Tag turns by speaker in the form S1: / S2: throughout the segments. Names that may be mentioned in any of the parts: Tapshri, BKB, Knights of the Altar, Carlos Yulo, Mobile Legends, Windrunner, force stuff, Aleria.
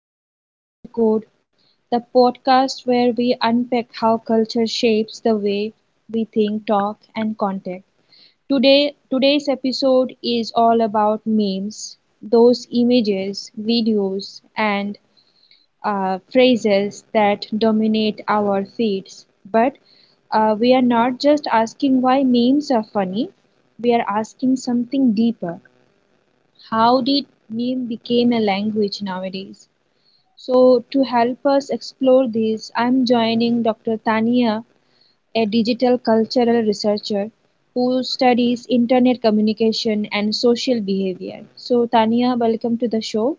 S1: our Culture Code, the podcast where we unpack how culture shapes the way we think, talk, and contact. Today's episode is all about memes, those images, videos, and phrases that dominate our feeds. But we are not just asking why memes are funny; we are asking something deeper. How did meme became a language nowadays? So, to help us explore this, I'm joining Dr. Tania, a digital cultural researcher who studies internet communication and social behavior. So, Tania, welcome to the show.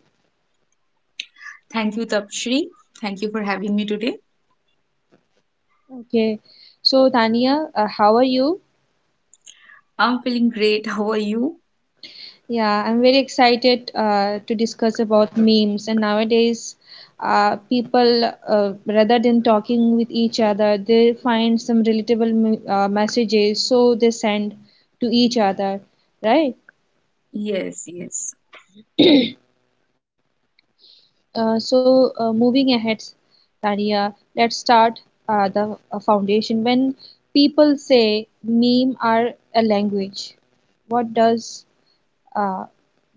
S2: Thank you, Tapshri. Thank you for having me today.
S1: Okay. So, Tania, how are you?
S2: I'm feeling great. How are you?
S1: Yeah, I'm very excited to discuss about memes. And nowadays, people, rather than talking with each other, they find some relatable messages, so they send to each other, right?
S2: Yes, yes.
S1: So, moving ahead, Tania, let's start the foundation. When people say meme are a language, what does uh,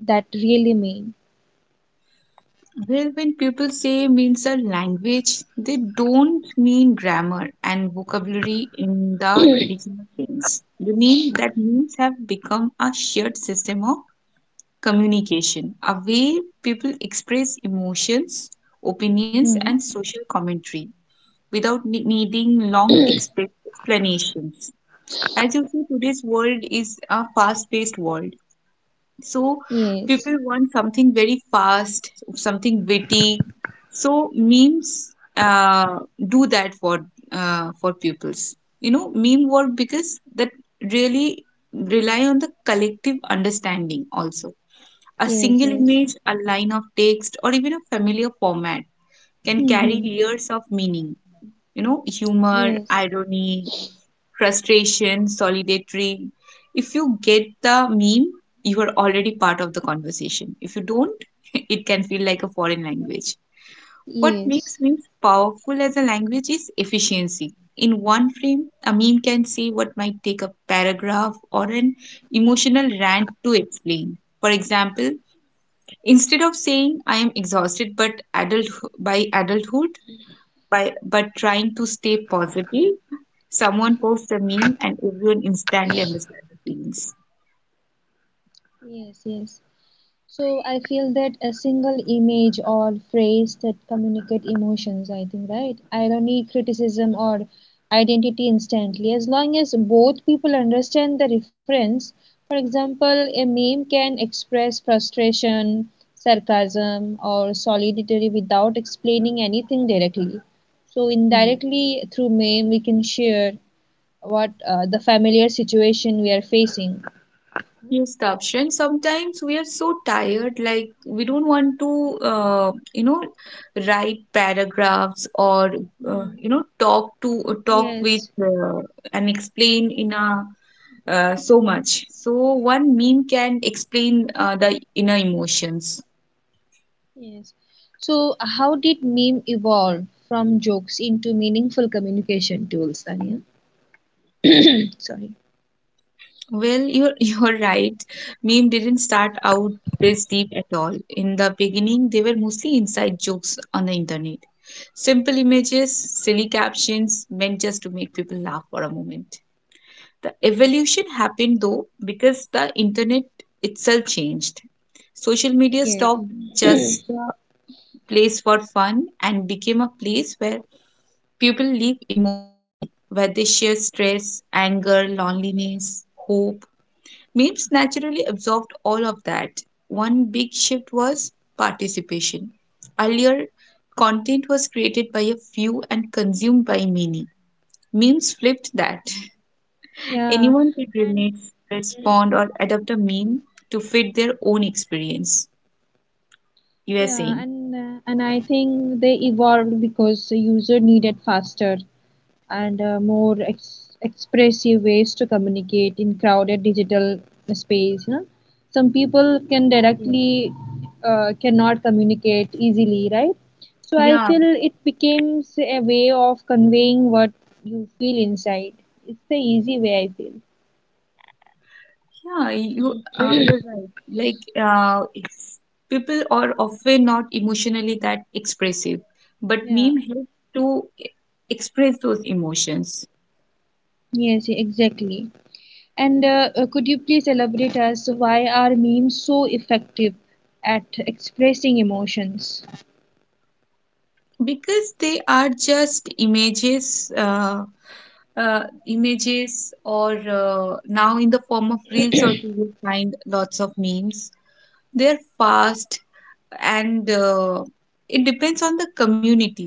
S1: that really mean?
S2: Well, when people say means a language, they don't mean grammar and vocabulary in the traditional sense. They mean that means have become a shared system of communication, a way people express emotions, opinions,
S1: Hmm.
S2: and social commentary without needing long explanations. As you see, today's world is a fast-paced world. So
S1: Yes,
S2: people want something very fast, something witty. So memes do that for pupils. You know, meme work because that really rely on the collective understanding also. A
S1: yes,
S2: single
S1: yes.
S2: image, a line of text, or even a familiar format can carry
S1: Mm-hmm.
S2: layers of meaning. You know, humor,
S1: Yes,
S2: irony, frustration, solidatory. If you get the meme, you are already part of the conversation. If you don't, it can feel like a foreign language. What makes
S1: yes,
S2: memes powerful as a language is efficiency. In one frame, a meme can say what might take a paragraph or an emotional rant to explain. For example, instead of saying I am exhausted but adult by adulthood, by but trying to stay positive. Someone posts a meme and everyone instantly understands the feelings.
S1: yes. So I feel that a single image or phrase that communicate emotions, I think, right? Irony, criticism, or identity instantly. As long as both people understand the reference, for example, a meme can express frustration, sarcasm, or solidarity without explaining anything directly. So
S2: Mm.
S1: indirectly through meme, we can share what the familiar situation we are facing.
S2: Here's the Sometimes we are so tired, like we don't want to, write paragraphs or
S1: Hmm.
S2: talk to talk with
S1: Yes.
S2: and explain in a so much. So one meme can explain the inner emotions.
S1: Yes. So, how did meme evolve from jokes into meaningful communication tools, Tanya? Sorry.
S2: Well, you're you're right. Meme didn't start out this deep at all. In the beginning, they were mostly inside jokes on the internet. Simple images, silly captions meant just to make people laugh for a moment. The evolution happened though because the internet itself changed. Social media
S1: Yes.
S2: stopped just a place for fun and became a place where people live emotionally, where they share stress, anger, loneliness, hope. Memes naturally absorbed all of that. One big shift was participation. Earlier, content was created by a few and consumed by many. Memes flipped that.
S1: Yeah.
S2: Anyone could
S1: And
S2: relate, respond, or adapt a meme to fit their own experience. You are
S1: yeah,
S2: saying?
S1: and uh, and I think they evolved because the user needed faster and more expressive ways to communicate in crowded digital space, no? Some people can directly cannot communicate easily, right? So I
S2: Yeah,
S1: feel it becomes a way of conveying what you feel inside. It's the easy way, I feel.
S2: yeah, you you're right. Like, uh, it's- people are often not emotionally that expressive, but
S1: Yeah.
S2: meme help to e- express those emotions.
S1: Yes, exactly. And could you please elaborate as to why are memes so effective at expressing emotions?
S2: Because they are just images images or now in the form of reels also you will find lots of memes. They're fast and it depends on the community.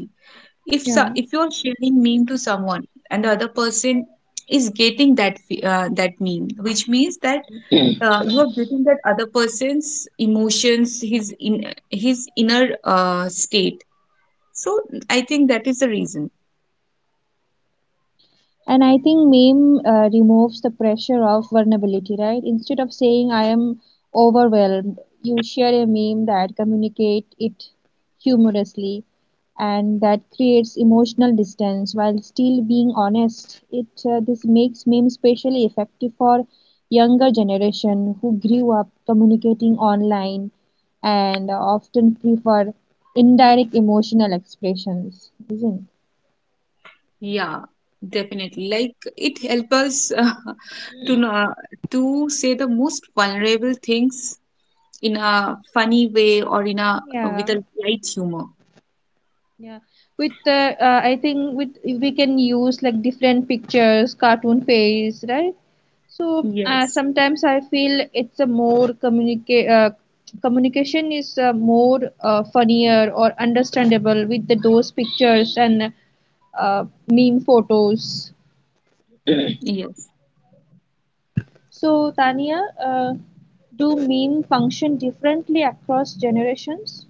S2: If
S1: Yeah.
S2: if you're sharing meme to someone and the other person is getting that that meme, which means that you are getting that other person's emotions, his in his inner state. So I think that is the reason.
S1: And I think meme removes the pressure of vulnerability, right? Instead of saying I am overwhelmed, you share a meme that communicate it humorously, and that creates emotional distance while still being honest. It This makes meme especially effective for younger generation who grew up communicating online and often prefer indirect emotional expressions, isn't?
S2: Yeah, definitely. Like it helps us to know, to say the most vulnerable things in a funny way or in a
S1: Yeah,
S2: with a light humor.
S1: Yeah, With I think with we can use like different pictures, cartoon face, right? So
S2: Yes.
S1: sometimes I feel it's a more communicate communication is more funnier or understandable with the those pictures and meme photos.
S2: Yes.
S1: So Tania, uh, do meme function differently across generations?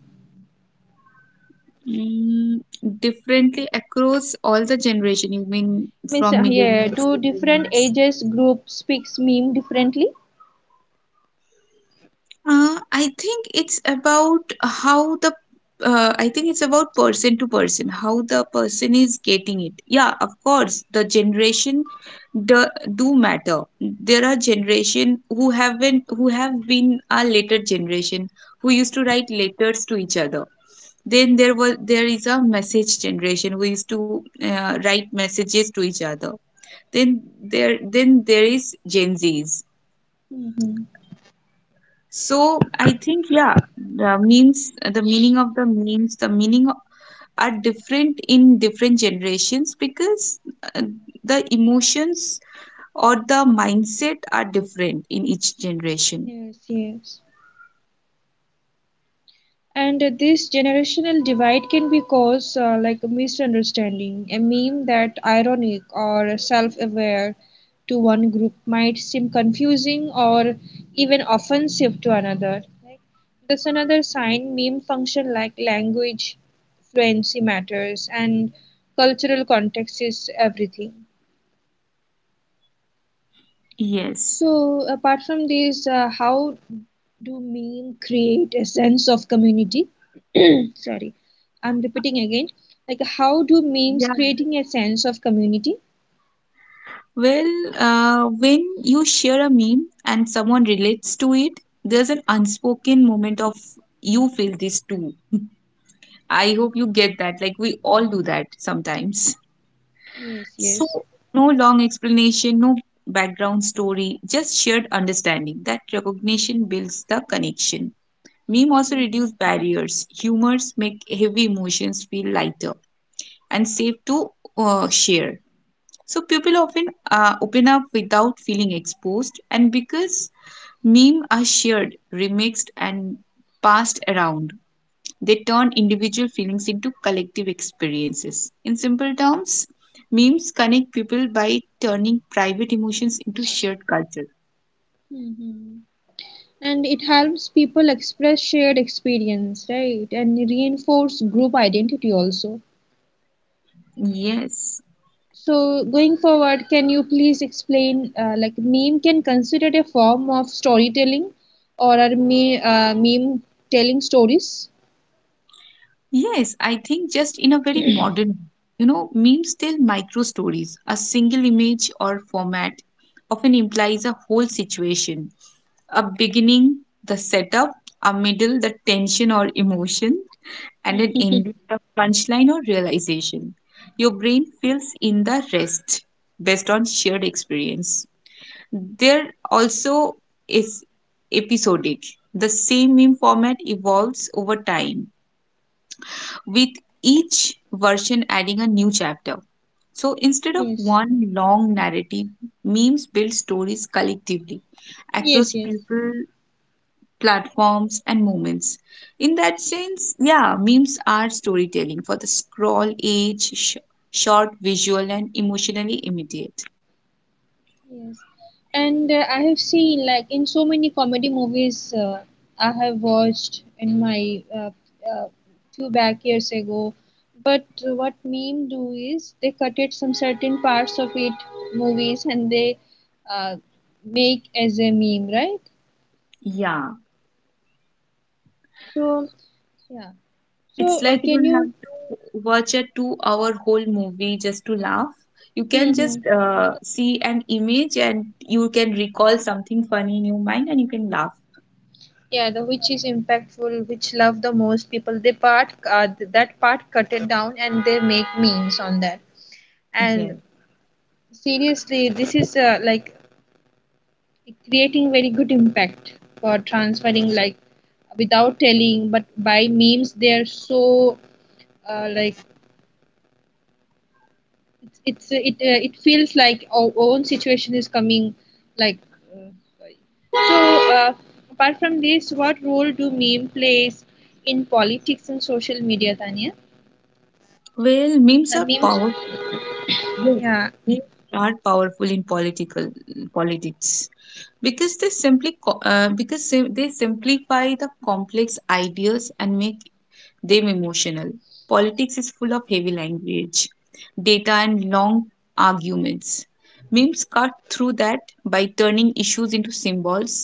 S2: Mm, differently across all the generation. You mean
S1: Means
S2: from
S1: yeah,
S2: millennials
S1: do
S2: to
S1: different
S2: boomers?
S1: ages group speaks meme differently?
S2: I think it's about how the I think it's about person to person, how the person is getting it. Yeah, of course, the generation do, do matter. There are generation who haven't who have been a later generation who used to write letters to each other. Then there was there is a message generation who used to write messages to each other. Then there is Gen Zs.
S1: Mhm.
S2: So I think yeah, the memes, the meaning of the memes, are different in different generations because uh, the emotions or the mindset are different in each generation.
S1: Yes, yes. And this generational divide can be caused like a misunderstanding. A meme that ironic or self-aware to one group might seem confusing or even offensive to another. Like, that's another sign meme function like language, fluency matters, and cultural context is everything.
S2: Yes.
S1: So, apart from these, how do meme create a sense of community? Sorry, I'm repeating again. Like, how do memes
S2: Yeah.
S1: creating a sense of community?
S2: Well, when you share a meme and someone relates to it, there's an unspoken moment of you feel this too. I hope you get that. Like we all do that sometimes.
S1: Yes, yes.
S2: So, no long explanation, no background story, just shared understanding. That recognition builds the connection. Meme also
S1: Hmm.
S2: reduce barriers. Humors make heavy emotions feel lighter and safe to share. So people often open up without feeling exposed, and because meme are shared, remixed, and passed around, they turn individual feelings into collective experiences. In simple terms, memes connect people by turning private emotions into shared culture.
S1: Hmm. And it helps people express shared experience, right? And reinforce group identity also.
S2: Yes.
S1: So going forward, can you please explain like meme can considered a form of storytelling, or are me meme telling stories?
S2: Yes, I think just in a very modern, you know, memes tell micro stories. A single image or format often implies a whole situation, a beginning, the setup, a middle, the tension or emotion, and an
S1: Mhm.
S2: end with a punchline or realization. Your brain fills in the rest based on shared experience. They're also is episodic. The same meme format evolves over time, with each version adding a new chapter. So instead of
S1: Yes,
S2: one long narrative, memes build stories collectively
S1: yes,
S2: across
S1: yes,
S2: people, platforms, and moments. In that sense, yeah, memes are storytelling for the scroll age, short, visual, and emotionally immediate.
S1: yes. And I have seen like in so many comedy movies I have watched in my uh, few back years ago. But what meme do is they cut it some certain parts of it movies, and they uh, make as a meme, right?
S2: Yeah,
S1: So, yeah. So,
S2: it's like you
S1: can
S2: don't have
S1: you?
S2: to watch a 2-hour whole movie just to laugh. You can just
S1: Hmm.
S2: see an image and you can recall something funny in your mind and you can laugh.
S1: Yeah, the which is impactful, which love the most people. They that part cut it down, and they make memes on that. And
S2: Yes.
S1: seriously, this is like creating very good impact for transferring like without telling, but by memes they are so like it feels like our own situation is coming like uh, So, apart from this, what role do meme plays in politics and social media, Tanya?
S2: Well, memes
S1: Uh,
S2: are
S1: memes,
S2: powerful. Yes.
S1: yeah.
S2: Memes are powerful in political politics. Because they because they simplify the complex ideas and make them emotional. Politics is full of heavy language, data and long arguments. Memes cut through that by turning issues into symbols,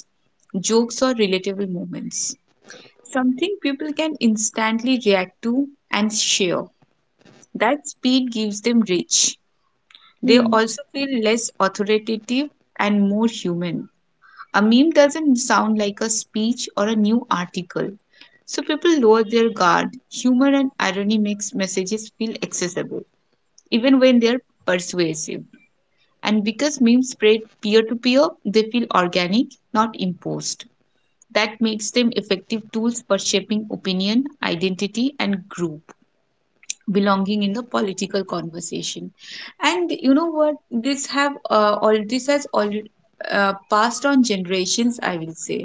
S2: jokes or relatable moments, something people can instantly react to and share. That speed gives them reach. They
S1: Hmm.
S2: also feel less authoritative and more human. A meme doesn't sound like a speech or a new article. So people lower their guard. Humor and irony makes messages feel accessible, even when they're persuasive. And because memes spread peer to peer, they feel organic, not imposed. That makes them effective tools for shaping opinion, identity, and group belonging in the political conversation. And you know what, this has all passed on generations, I will say.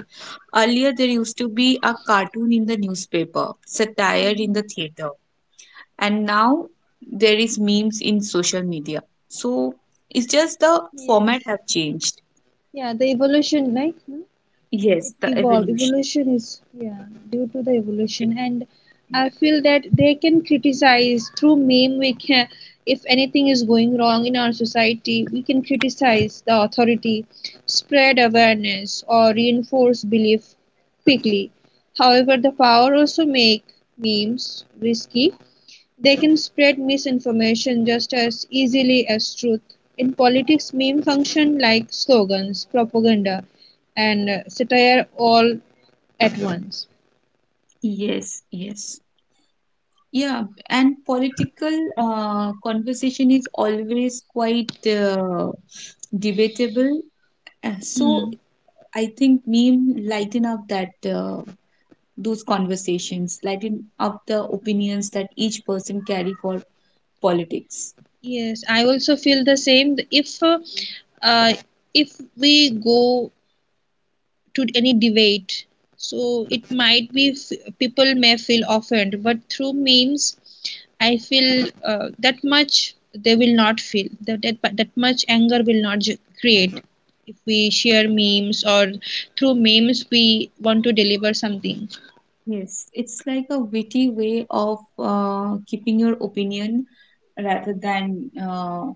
S2: Earlier there used to be a cartoon in the newspaper, satire in
S1: Mm-hmm.
S2: the theater, and now there is memes in social media. So it's just the format
S1: Yes.
S2: have changed.
S1: Yeah, the evolution, like. It
S2: Yes, the
S1: evolved,
S2: evolution.
S1: evolution is, yeah, due to the evolution. And I feel that they can criticize through meme. We can, if anything is going wrong in our society, we can criticize the authority, spread awareness, or reinforce belief quickly. However, the power also make memes risky. They can spread misinformation just as easily as truth. In politics, memes function like slogans, propaganda, and satire all at once.
S2: Yes, yes. Yeah, and political conversation is always quite debatable. So
S1: Mm,
S2: I think meme lighten up that those conversations, lighten up the opinions that each person carry for politics.
S1: yes, I also feel the same. Uh, if we go to any debate, so it might be people may feel offended, but through memes I feel that much they will not feel that, that much anger will not create if we share memes, or through memes we want to deliver something.
S2: Yes, it's like a witty way of keeping your opinion rather than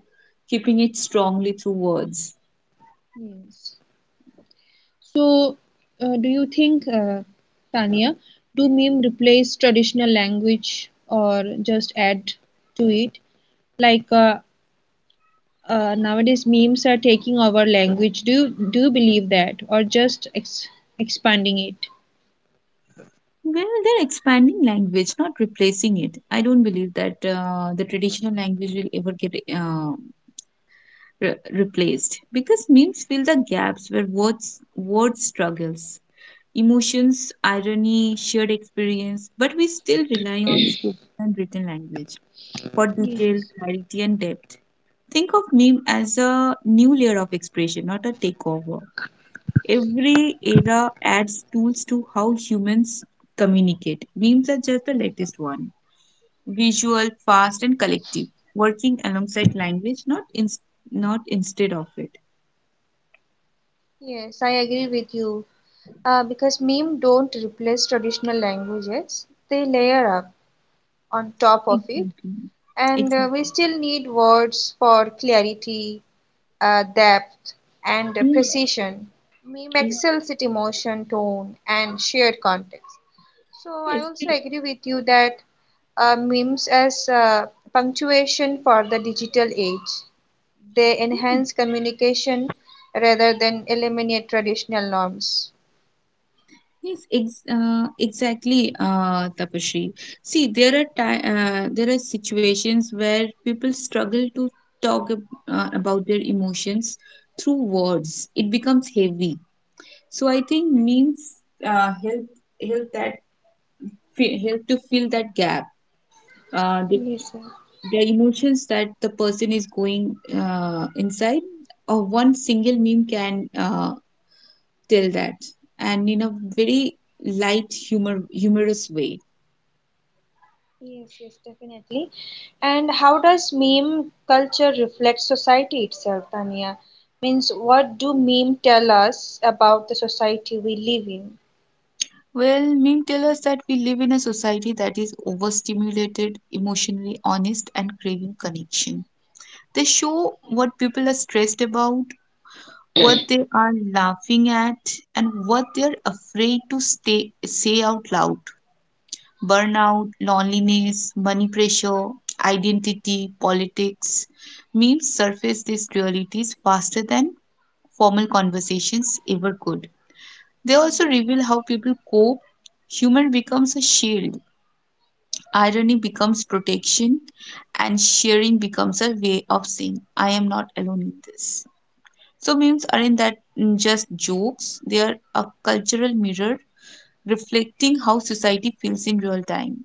S2: keeping it strongly through words.
S1: Yes, so do you think, Tanya, do meme replace traditional language or just add to it? Like nowadays memes are taking over language. Do you believe that, or just expanding it?
S2: Well, they're expanding language, not replacing it. I don't believe that the traditional language will ever get replaced because memes fill the gaps where words struggles, emotions, irony, shared experience. But we still rely on spoken and written language for detail,
S1: Yes,
S2: clarity, and depth. Think of meme as a new layer of expression, not a takeover. Every era adds tools to how humans communicate. Memes are just the latest one. Visual, fast, and collective, working alongside language, not instead of it.
S1: yes, I agree with you. Because meme don't replace traditional languages, they layer up on top of it.
S2: Exactly.
S1: And we
S2: Exactly.
S1: still need words for clarity, depth, and
S2: Yeah.
S1: precision. Meme
S2: Yeah.
S1: excels at emotion, tone, and shared context. So I
S2: Yes.
S1: also
S2: Yes.
S1: agree with you that memes as punctuation for the digital age. They
S2: Hmm.
S1: enhance communication rather than eliminate traditional norms.
S2: Yes, ex exactly, Tapashri. See, there are situations where people struggle to about their emotions through words. It becomes heavy. So I think memes uh, help help that, help to fill that gap. Uh, the
S1: Yes, sir.
S2: the emotions that the person is going inside, or one single meme can tell that, and in a very light humor humorous way.
S1: Yes, yes, definitely. And how does meme culture reflect society itself, Tanya? Means, what do meme tell us about the society we live in?
S2: Well, meme tell us that we live in a society that is overstimulated, emotionally honest, and craving connection. They show what people are stressed about, what they are laughing at, and what they're afraid to say out loud. Burnout, loneliness, money pressure, identity, politics. Memes surface these realities faster than formal conversations ever could. They also reveal how people cope. Humor becomes a shield, irony becomes protection, and sharing becomes a way of saying, I am not alone in this. So memes aren't that just jokes, they are a cultural mirror reflecting how society feels in real time.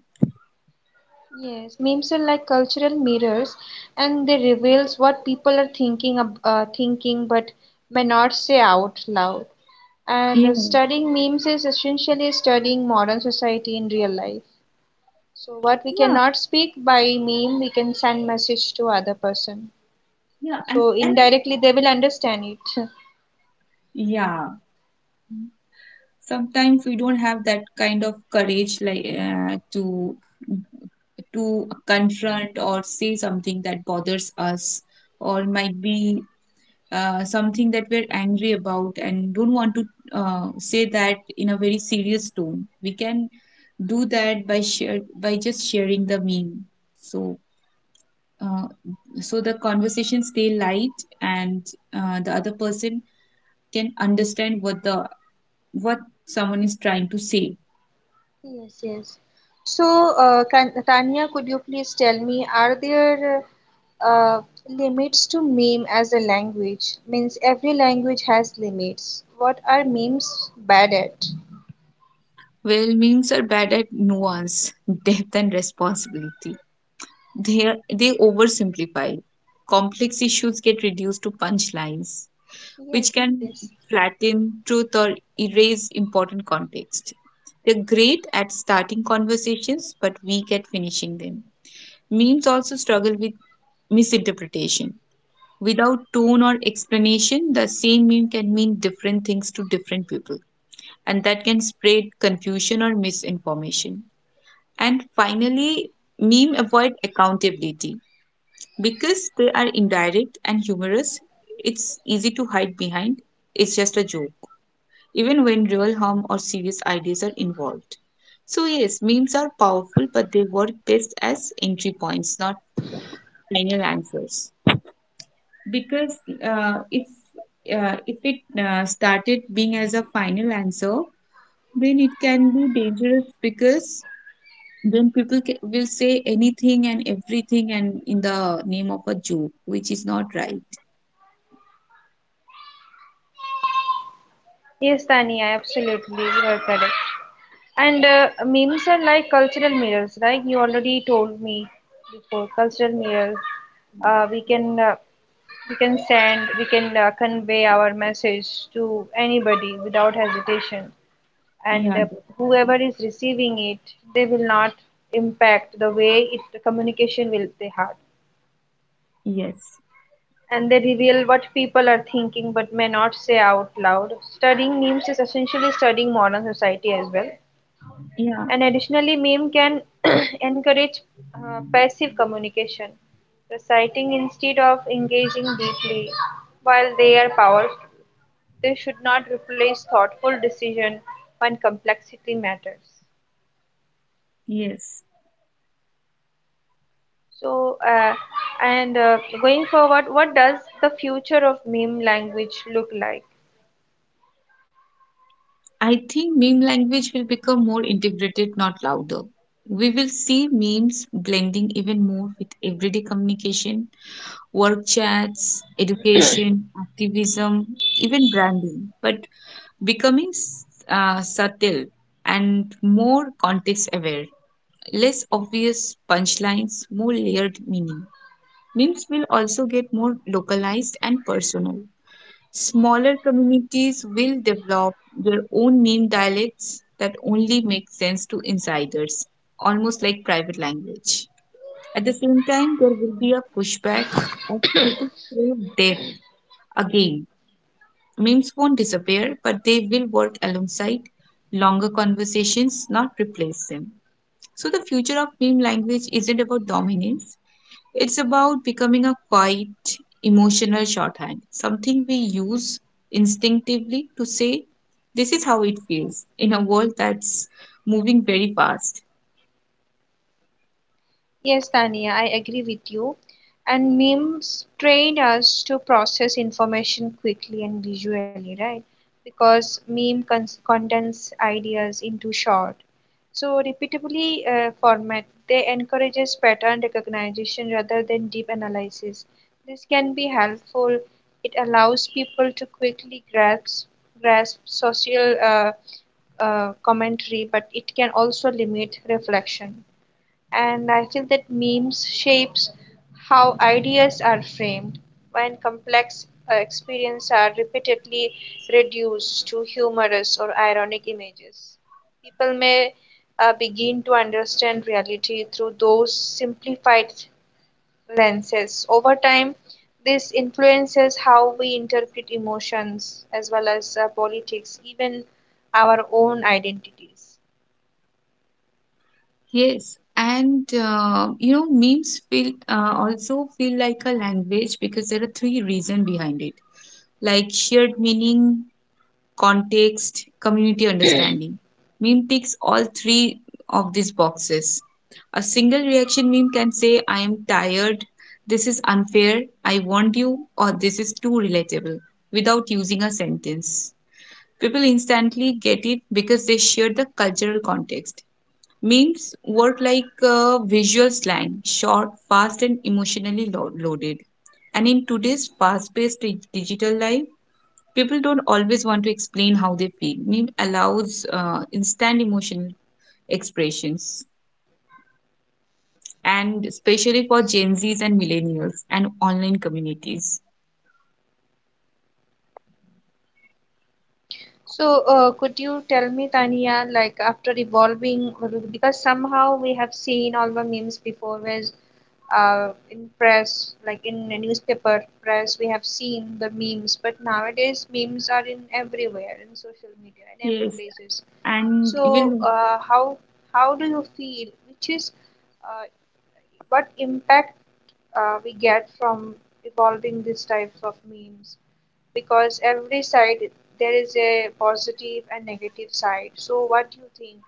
S1: Yes, memes are like cultural mirrors, and they reveals what people are thinking, thinking, but may not say out loud. And
S2: Yeah,
S1: studying memes is essentially studying modern society in real life. So, what we
S2: yeah,
S1: cannot speak by meme, we can send message to other person.
S2: yeah,
S1: So indirectly they will understand it.
S2: yeah. Sometimes we don't have that kind of courage, like to confront or say something that bothers us, or might be something that we're angry about and don't want to say that in a very serious tone. We can do that by just sharing the meme. So uh, so the conversation stay light and the other person can understand what someone is trying to say.
S1: Yes, yes. So can, Tanya, could you please tell me, are there uh, limits to meme as a language? Means every language has limits. What are memes bad at?
S2: Well, memes are bad at nuance, depth, and responsibility. They oversimplify. Complex issues get reduced to punchlines which
S1: Yes,
S2: can
S1: yes.
S2: flatten truth or erase important context. They're great at starting conversations, but weak at finishing them. Memes also struggle with misinterpretation. Without tone or explanation, the same meme can mean different things to different people, and that can spread confusion or misinformation. And finally, meme avoid accountability because they are indirect and humorous. It's easy to hide behind. It's just a joke even when real harm or serious ideas are involved. So, yes, memes are powerful, but they work best as entry points, not final answers. Because uh, if if it started being as a final answer, then it can be dangerous because then people will say anything and everything and in the name of a joke, which is not right.
S1: Yes, Tania, absolutely, you are correct. And memes are like cultural mirrors, like you already told me before. Cultural mirrors,
S2: Yeah.
S1: uh, we can uh, we can send, we can convey our message to anybody without hesitation, and
S2: Yeah,
S1: whoever
S2: definitely.
S1: is receiving it, they will not impact the way it the communication will they had,
S2: Yes.
S1: and they reveal what people are thinking but may not say out loud. Studying memes is essentially studying modern society as well.
S2: Yeah.
S1: And additionally, meme can encourage passive communication, reciting instead of engaging deeply. While they are powerful, they should not replace thoughtful decision when complexity matters.
S2: Yes.
S1: So, and going forward, what does the future of meme language look like?
S2: I think meme language will become more integrated, not louder. We will see memes blending even more with everyday communication, work chats, education, activism, even branding, but becoming subtle and more context aware, less obvious punchlines, more layered meaning. Memes will also get more localized and personal. Smaller communities will develop their own meme dialects that only make sense to insiders, almost like private language. At the same time, there will be a pushback as people crave depth. Again, memes won't disappear, but they will work alongside longer conversations, not replace them. So, the future of meme language isn't about dominance, it's about becoming a quiet, emotional shorthand, something we use instinctively to say, this is how it feels in a world that's moving very fast.
S1: Yes, Tania, I agree with you. And memes train us to process information quickly and visually, right? Because meme cons condense ideas into short. So repeatably format, they encourages pattern recognition rather than deep analysis. This can be helpful. It allows people to quickly grasp social commentary, but it can also limit reflection. And I feel that memes shapes how ideas are framed when complex experiences are repeatedly reduced to humorous or ironic images. People may begin to understand reality through those simplified lenses. Over time, this influences how we interpret emotions as well as politics, even our own identities.
S2: Yes, and you know, memes feel also feel like a language because there are three reasons behind it like shared meaning, context, community understanding. Meme ticks all three of these boxes. A single reaction meme can say, I am tired, this is unfair, I want you, or this is too relatable, without using a sentence. People instantly get it because they share the cultural context. Memes work like visual slang, short, fast, and emotionally loaded. And in today's fast paced digital life, people don't always want to explain how they feel. Meme allows instant emotional expressions, and especially for Gen Zs and millennials and online communities.
S1: So, could you tell me, Tania, like after evolving, because somehow we have seen all the memes before, was, in press, like in a newspaper press, we have seen the memes, but nowadays memes are in everywhere, in social media, in every
S2: Yes,
S1: places.
S2: and
S1: So,
S2: even
S1: how do you feel? Which is uh, what impact we get from evolving these types of memes, because every side there is a positive and negative side. So what do you think?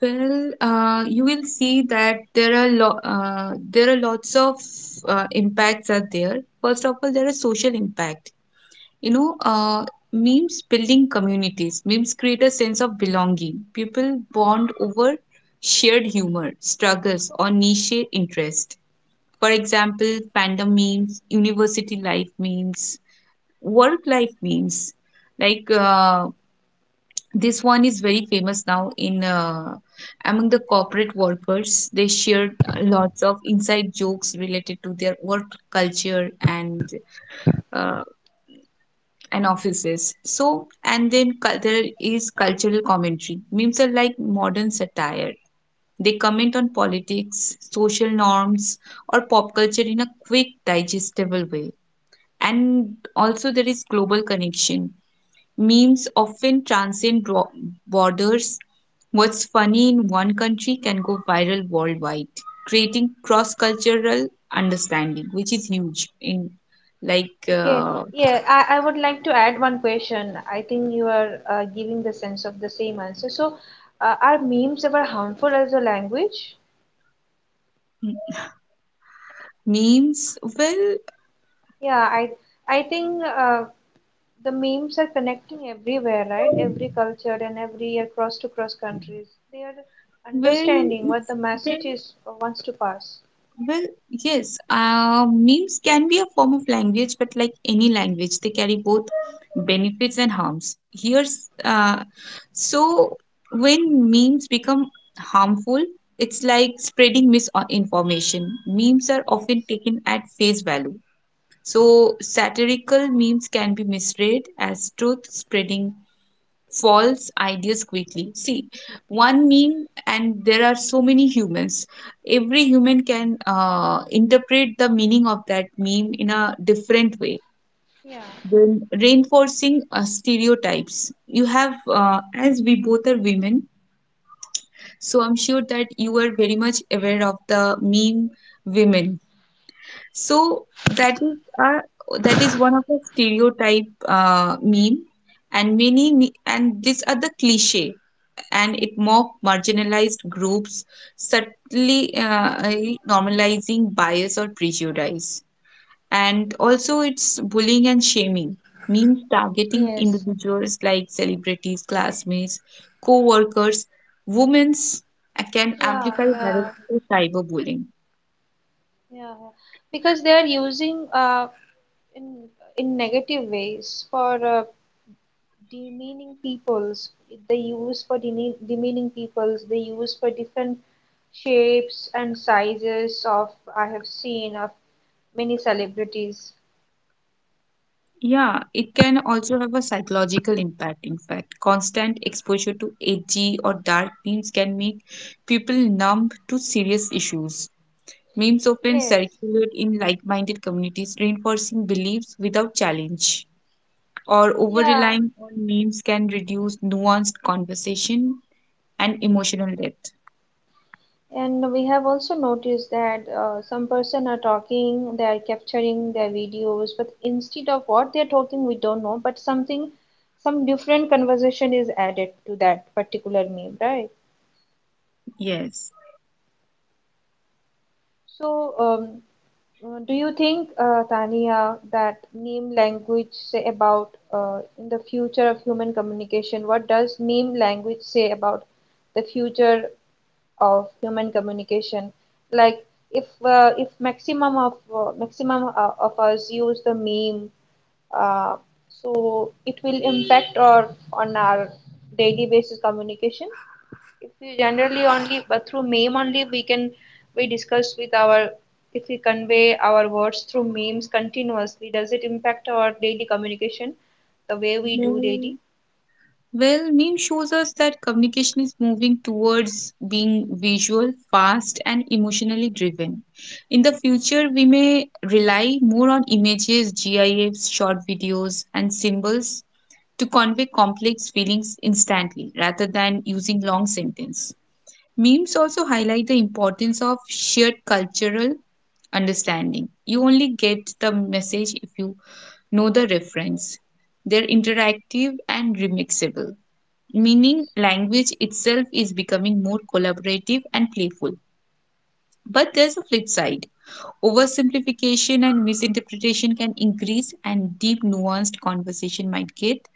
S2: well, you will see that there are lots of impacts are there. First of all, there is social impact. You know, memes building communities. Memes create a sense of belonging. People bond over shared humor, struggles, or niche interest. For example, fandom memes, university life memes, work life memes. Like this one is very famous now in among the corporate workers. They shared lots of inside jokes related to their work culture and uh, and offices. So, and there is cultural commentary. Memes are like modern satire. They comment on politics, social norms, or pop culture in a quick, digestible way. And also, there is global connection. Memes often borders. What's funny in one country can go viral worldwide, creating cross cultural understanding, which is huge in like
S1: Okay, yeah, I would like to add one question. I think you are giving the sense of the same answer. So, are memes ever harmful as a language?
S2: memes well.
S1: Yeah, I think the memes are connecting everywhere, right? Every culture and every across to cross countries. They are
S2: Well,
S1: understanding what
S2: it's
S1: the
S2: well,
S1: message is wants to pass.
S2: well, yes. Memes can be a form of language, but like any language, they carry both benefits and harms. Here's so when memes become harmful, it's like spreading misinformation. Memes are often
S1: Yes.
S2: taken at face value. So satirical memes can be misread as truth, spreading false ideas quickly. See, one meme, and there are so many humans. Every human can interpret the meaning of that meme in a different way.
S1: Yeah.
S2: Then reinforcing stereotypes. You have, as we both are women, so I'm sure that you are very much aware of the meme women. So that is one of the stereotype meme, and these are the cliche and it mocked marginalized groups, subtly normalizing bias or prejudice. And also, it's bullying and shaming, means targeting
S1: Yes.
S2: individuals like celebrities, classmates, co workers, women's can
S1: Yeah, yeah,
S2: amplify harassment
S1: yeah.
S2: or cyberbullying.
S1: Yeah. Because they are using in in negative ways for demeaning peoples, they use for demeaning peoples, they use for different shapes and sizes of, I have seen of many celebrities.
S2: Yeah, it can also have a psychological impact. In fact, constant exposure to edgy or dark themes can make people numb to serious issues. Memes often
S1: Yes,
S2: circulate in like minded communities, reinforcing beliefs without challenge. Or over
S1: yeah.
S2: relying on memes can reduce nuanced conversation and emotional depth.
S1: And we have also noticed that some person are talking, they are capturing their videos, but instead of what they are talking we don't know, but something some different conversation is added to that particular meme, right?
S2: Yes.
S1: So, do you think, Tania, that meme language say about in the future of human communication? What does meme language say about the future of human communication? Like, if maximum of maximum of us use the meme, uh, so it will impact or on our daily basis communication if we generally only but through meme only we can we discuss with our if we convey our words through memes continuously, does it impact our daily communication the way we do daily?
S2: Well, well, meme shows us that communication is moving towards being visual, fast, and emotionally driven. In the future, we may rely more on images, GIFs, short videos, and symbols to convey complex feelings instantly rather than using long sentences. Memes also highlight the importance of shared cultural understanding. You only get the message if you know the reference. They're interactive and remixable, meaning language itself is becoming more collaborative and playful. But there's a flip side. Oversimplification and misinterpretation can increase, and deep, nuanced conversation might get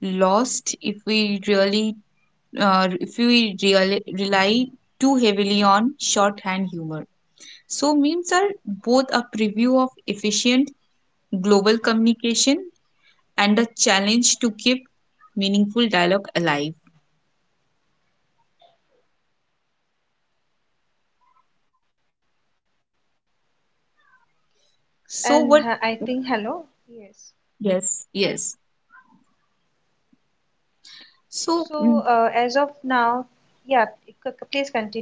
S2: lost if we really rely too heavily on shorthand humor. So memes are both a preview of efficient global communication and a challenge to keep meaningful dialogue alive. So
S1: I
S2: what?
S1: think hello. Yes,
S2: Yes, yes.
S1: so
S2: So
S1: as of now, yeah, please continue, Tanya.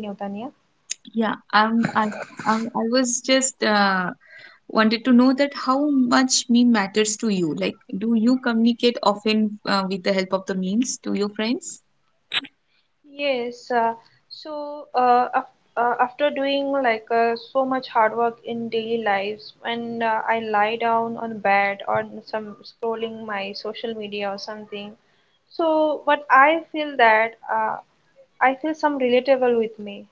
S2: yeah, I was just wanted to know that how much meme matters to you. Like, do you communicate often with the help of the memes to your friends?
S1: Yes, so af after doing like so much hard work in daily lives, when I lie down on bed or some scrolling my social media or something, so but I feel that I feel some relatable with me.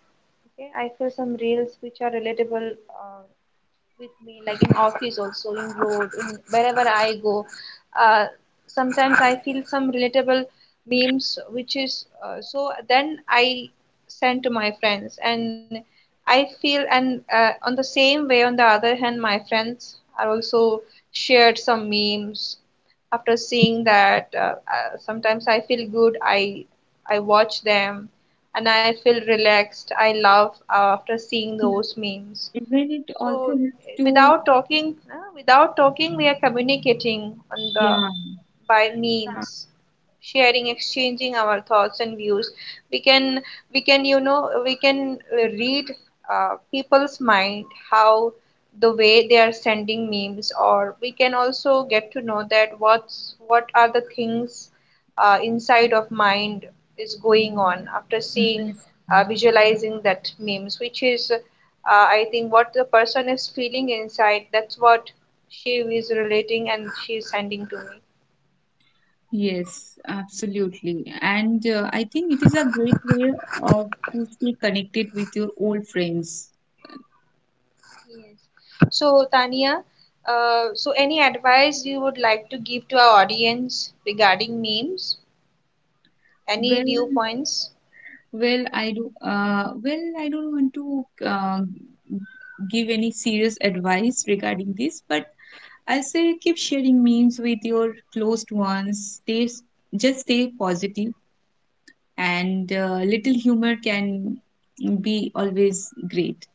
S1: Okay, I feel some reels which are relatable. Uh, with me, like in office also, in road, in wherever I go. Uh, sometimes I feel some relatable memes, which is so. Then I send to my friends, and I feel and on the same way. On the other hand, my friends are also shared some memes. After seeing that, sometimes I feel good. I watch them, and I feel relaxed. I love after seeing those memes.
S2: Even it
S1: So
S2: also helps to,
S1: without talking, without talking, we are communicating on the
S2: yeah,
S1: by memes, sharing, exchanging our thoughts and views. We can we can, you know, we can read people's mind, how the way they are sending memes, or we can also get to know that what's what are the things inside of mind is going on after seeing
S2: impress.
S1: visualizing that memes, which is I think what the person is feeling inside, that's what she is relating and she is sending to me.
S2: Yes, absolutely. And I think it is a great way of to stay connected with your old friends.
S1: Yes. So Tania, so any advice you would like to give to our audience regarding memes, any
S2: Well,
S1: viewpoints?
S2: well, I do. Well, I don't want to give any serious advice regarding this, but I'll say keep sharing memes with your close ones. Stay, just stay positive and little humor can be always great.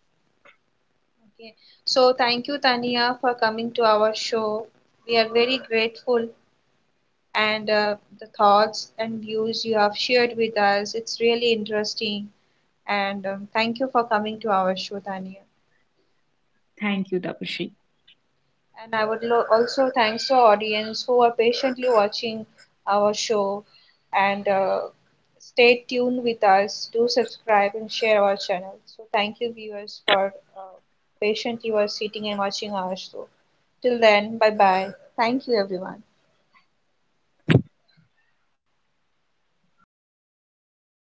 S1: Okay, so thank you, Tania, for coming to our show. We are very grateful, and the thoughts and views you have shared with us, it's really interesting. And thank you for coming to our show, Tania.
S2: Thank you, Tapashri.
S1: And I would also thanks to our audience who are patiently watching our show, and stay tuned with us. Do subscribe and share our channel. So thank you viewers for patiently were sitting and watching our show. Till then, bye bye. Thank you everyone.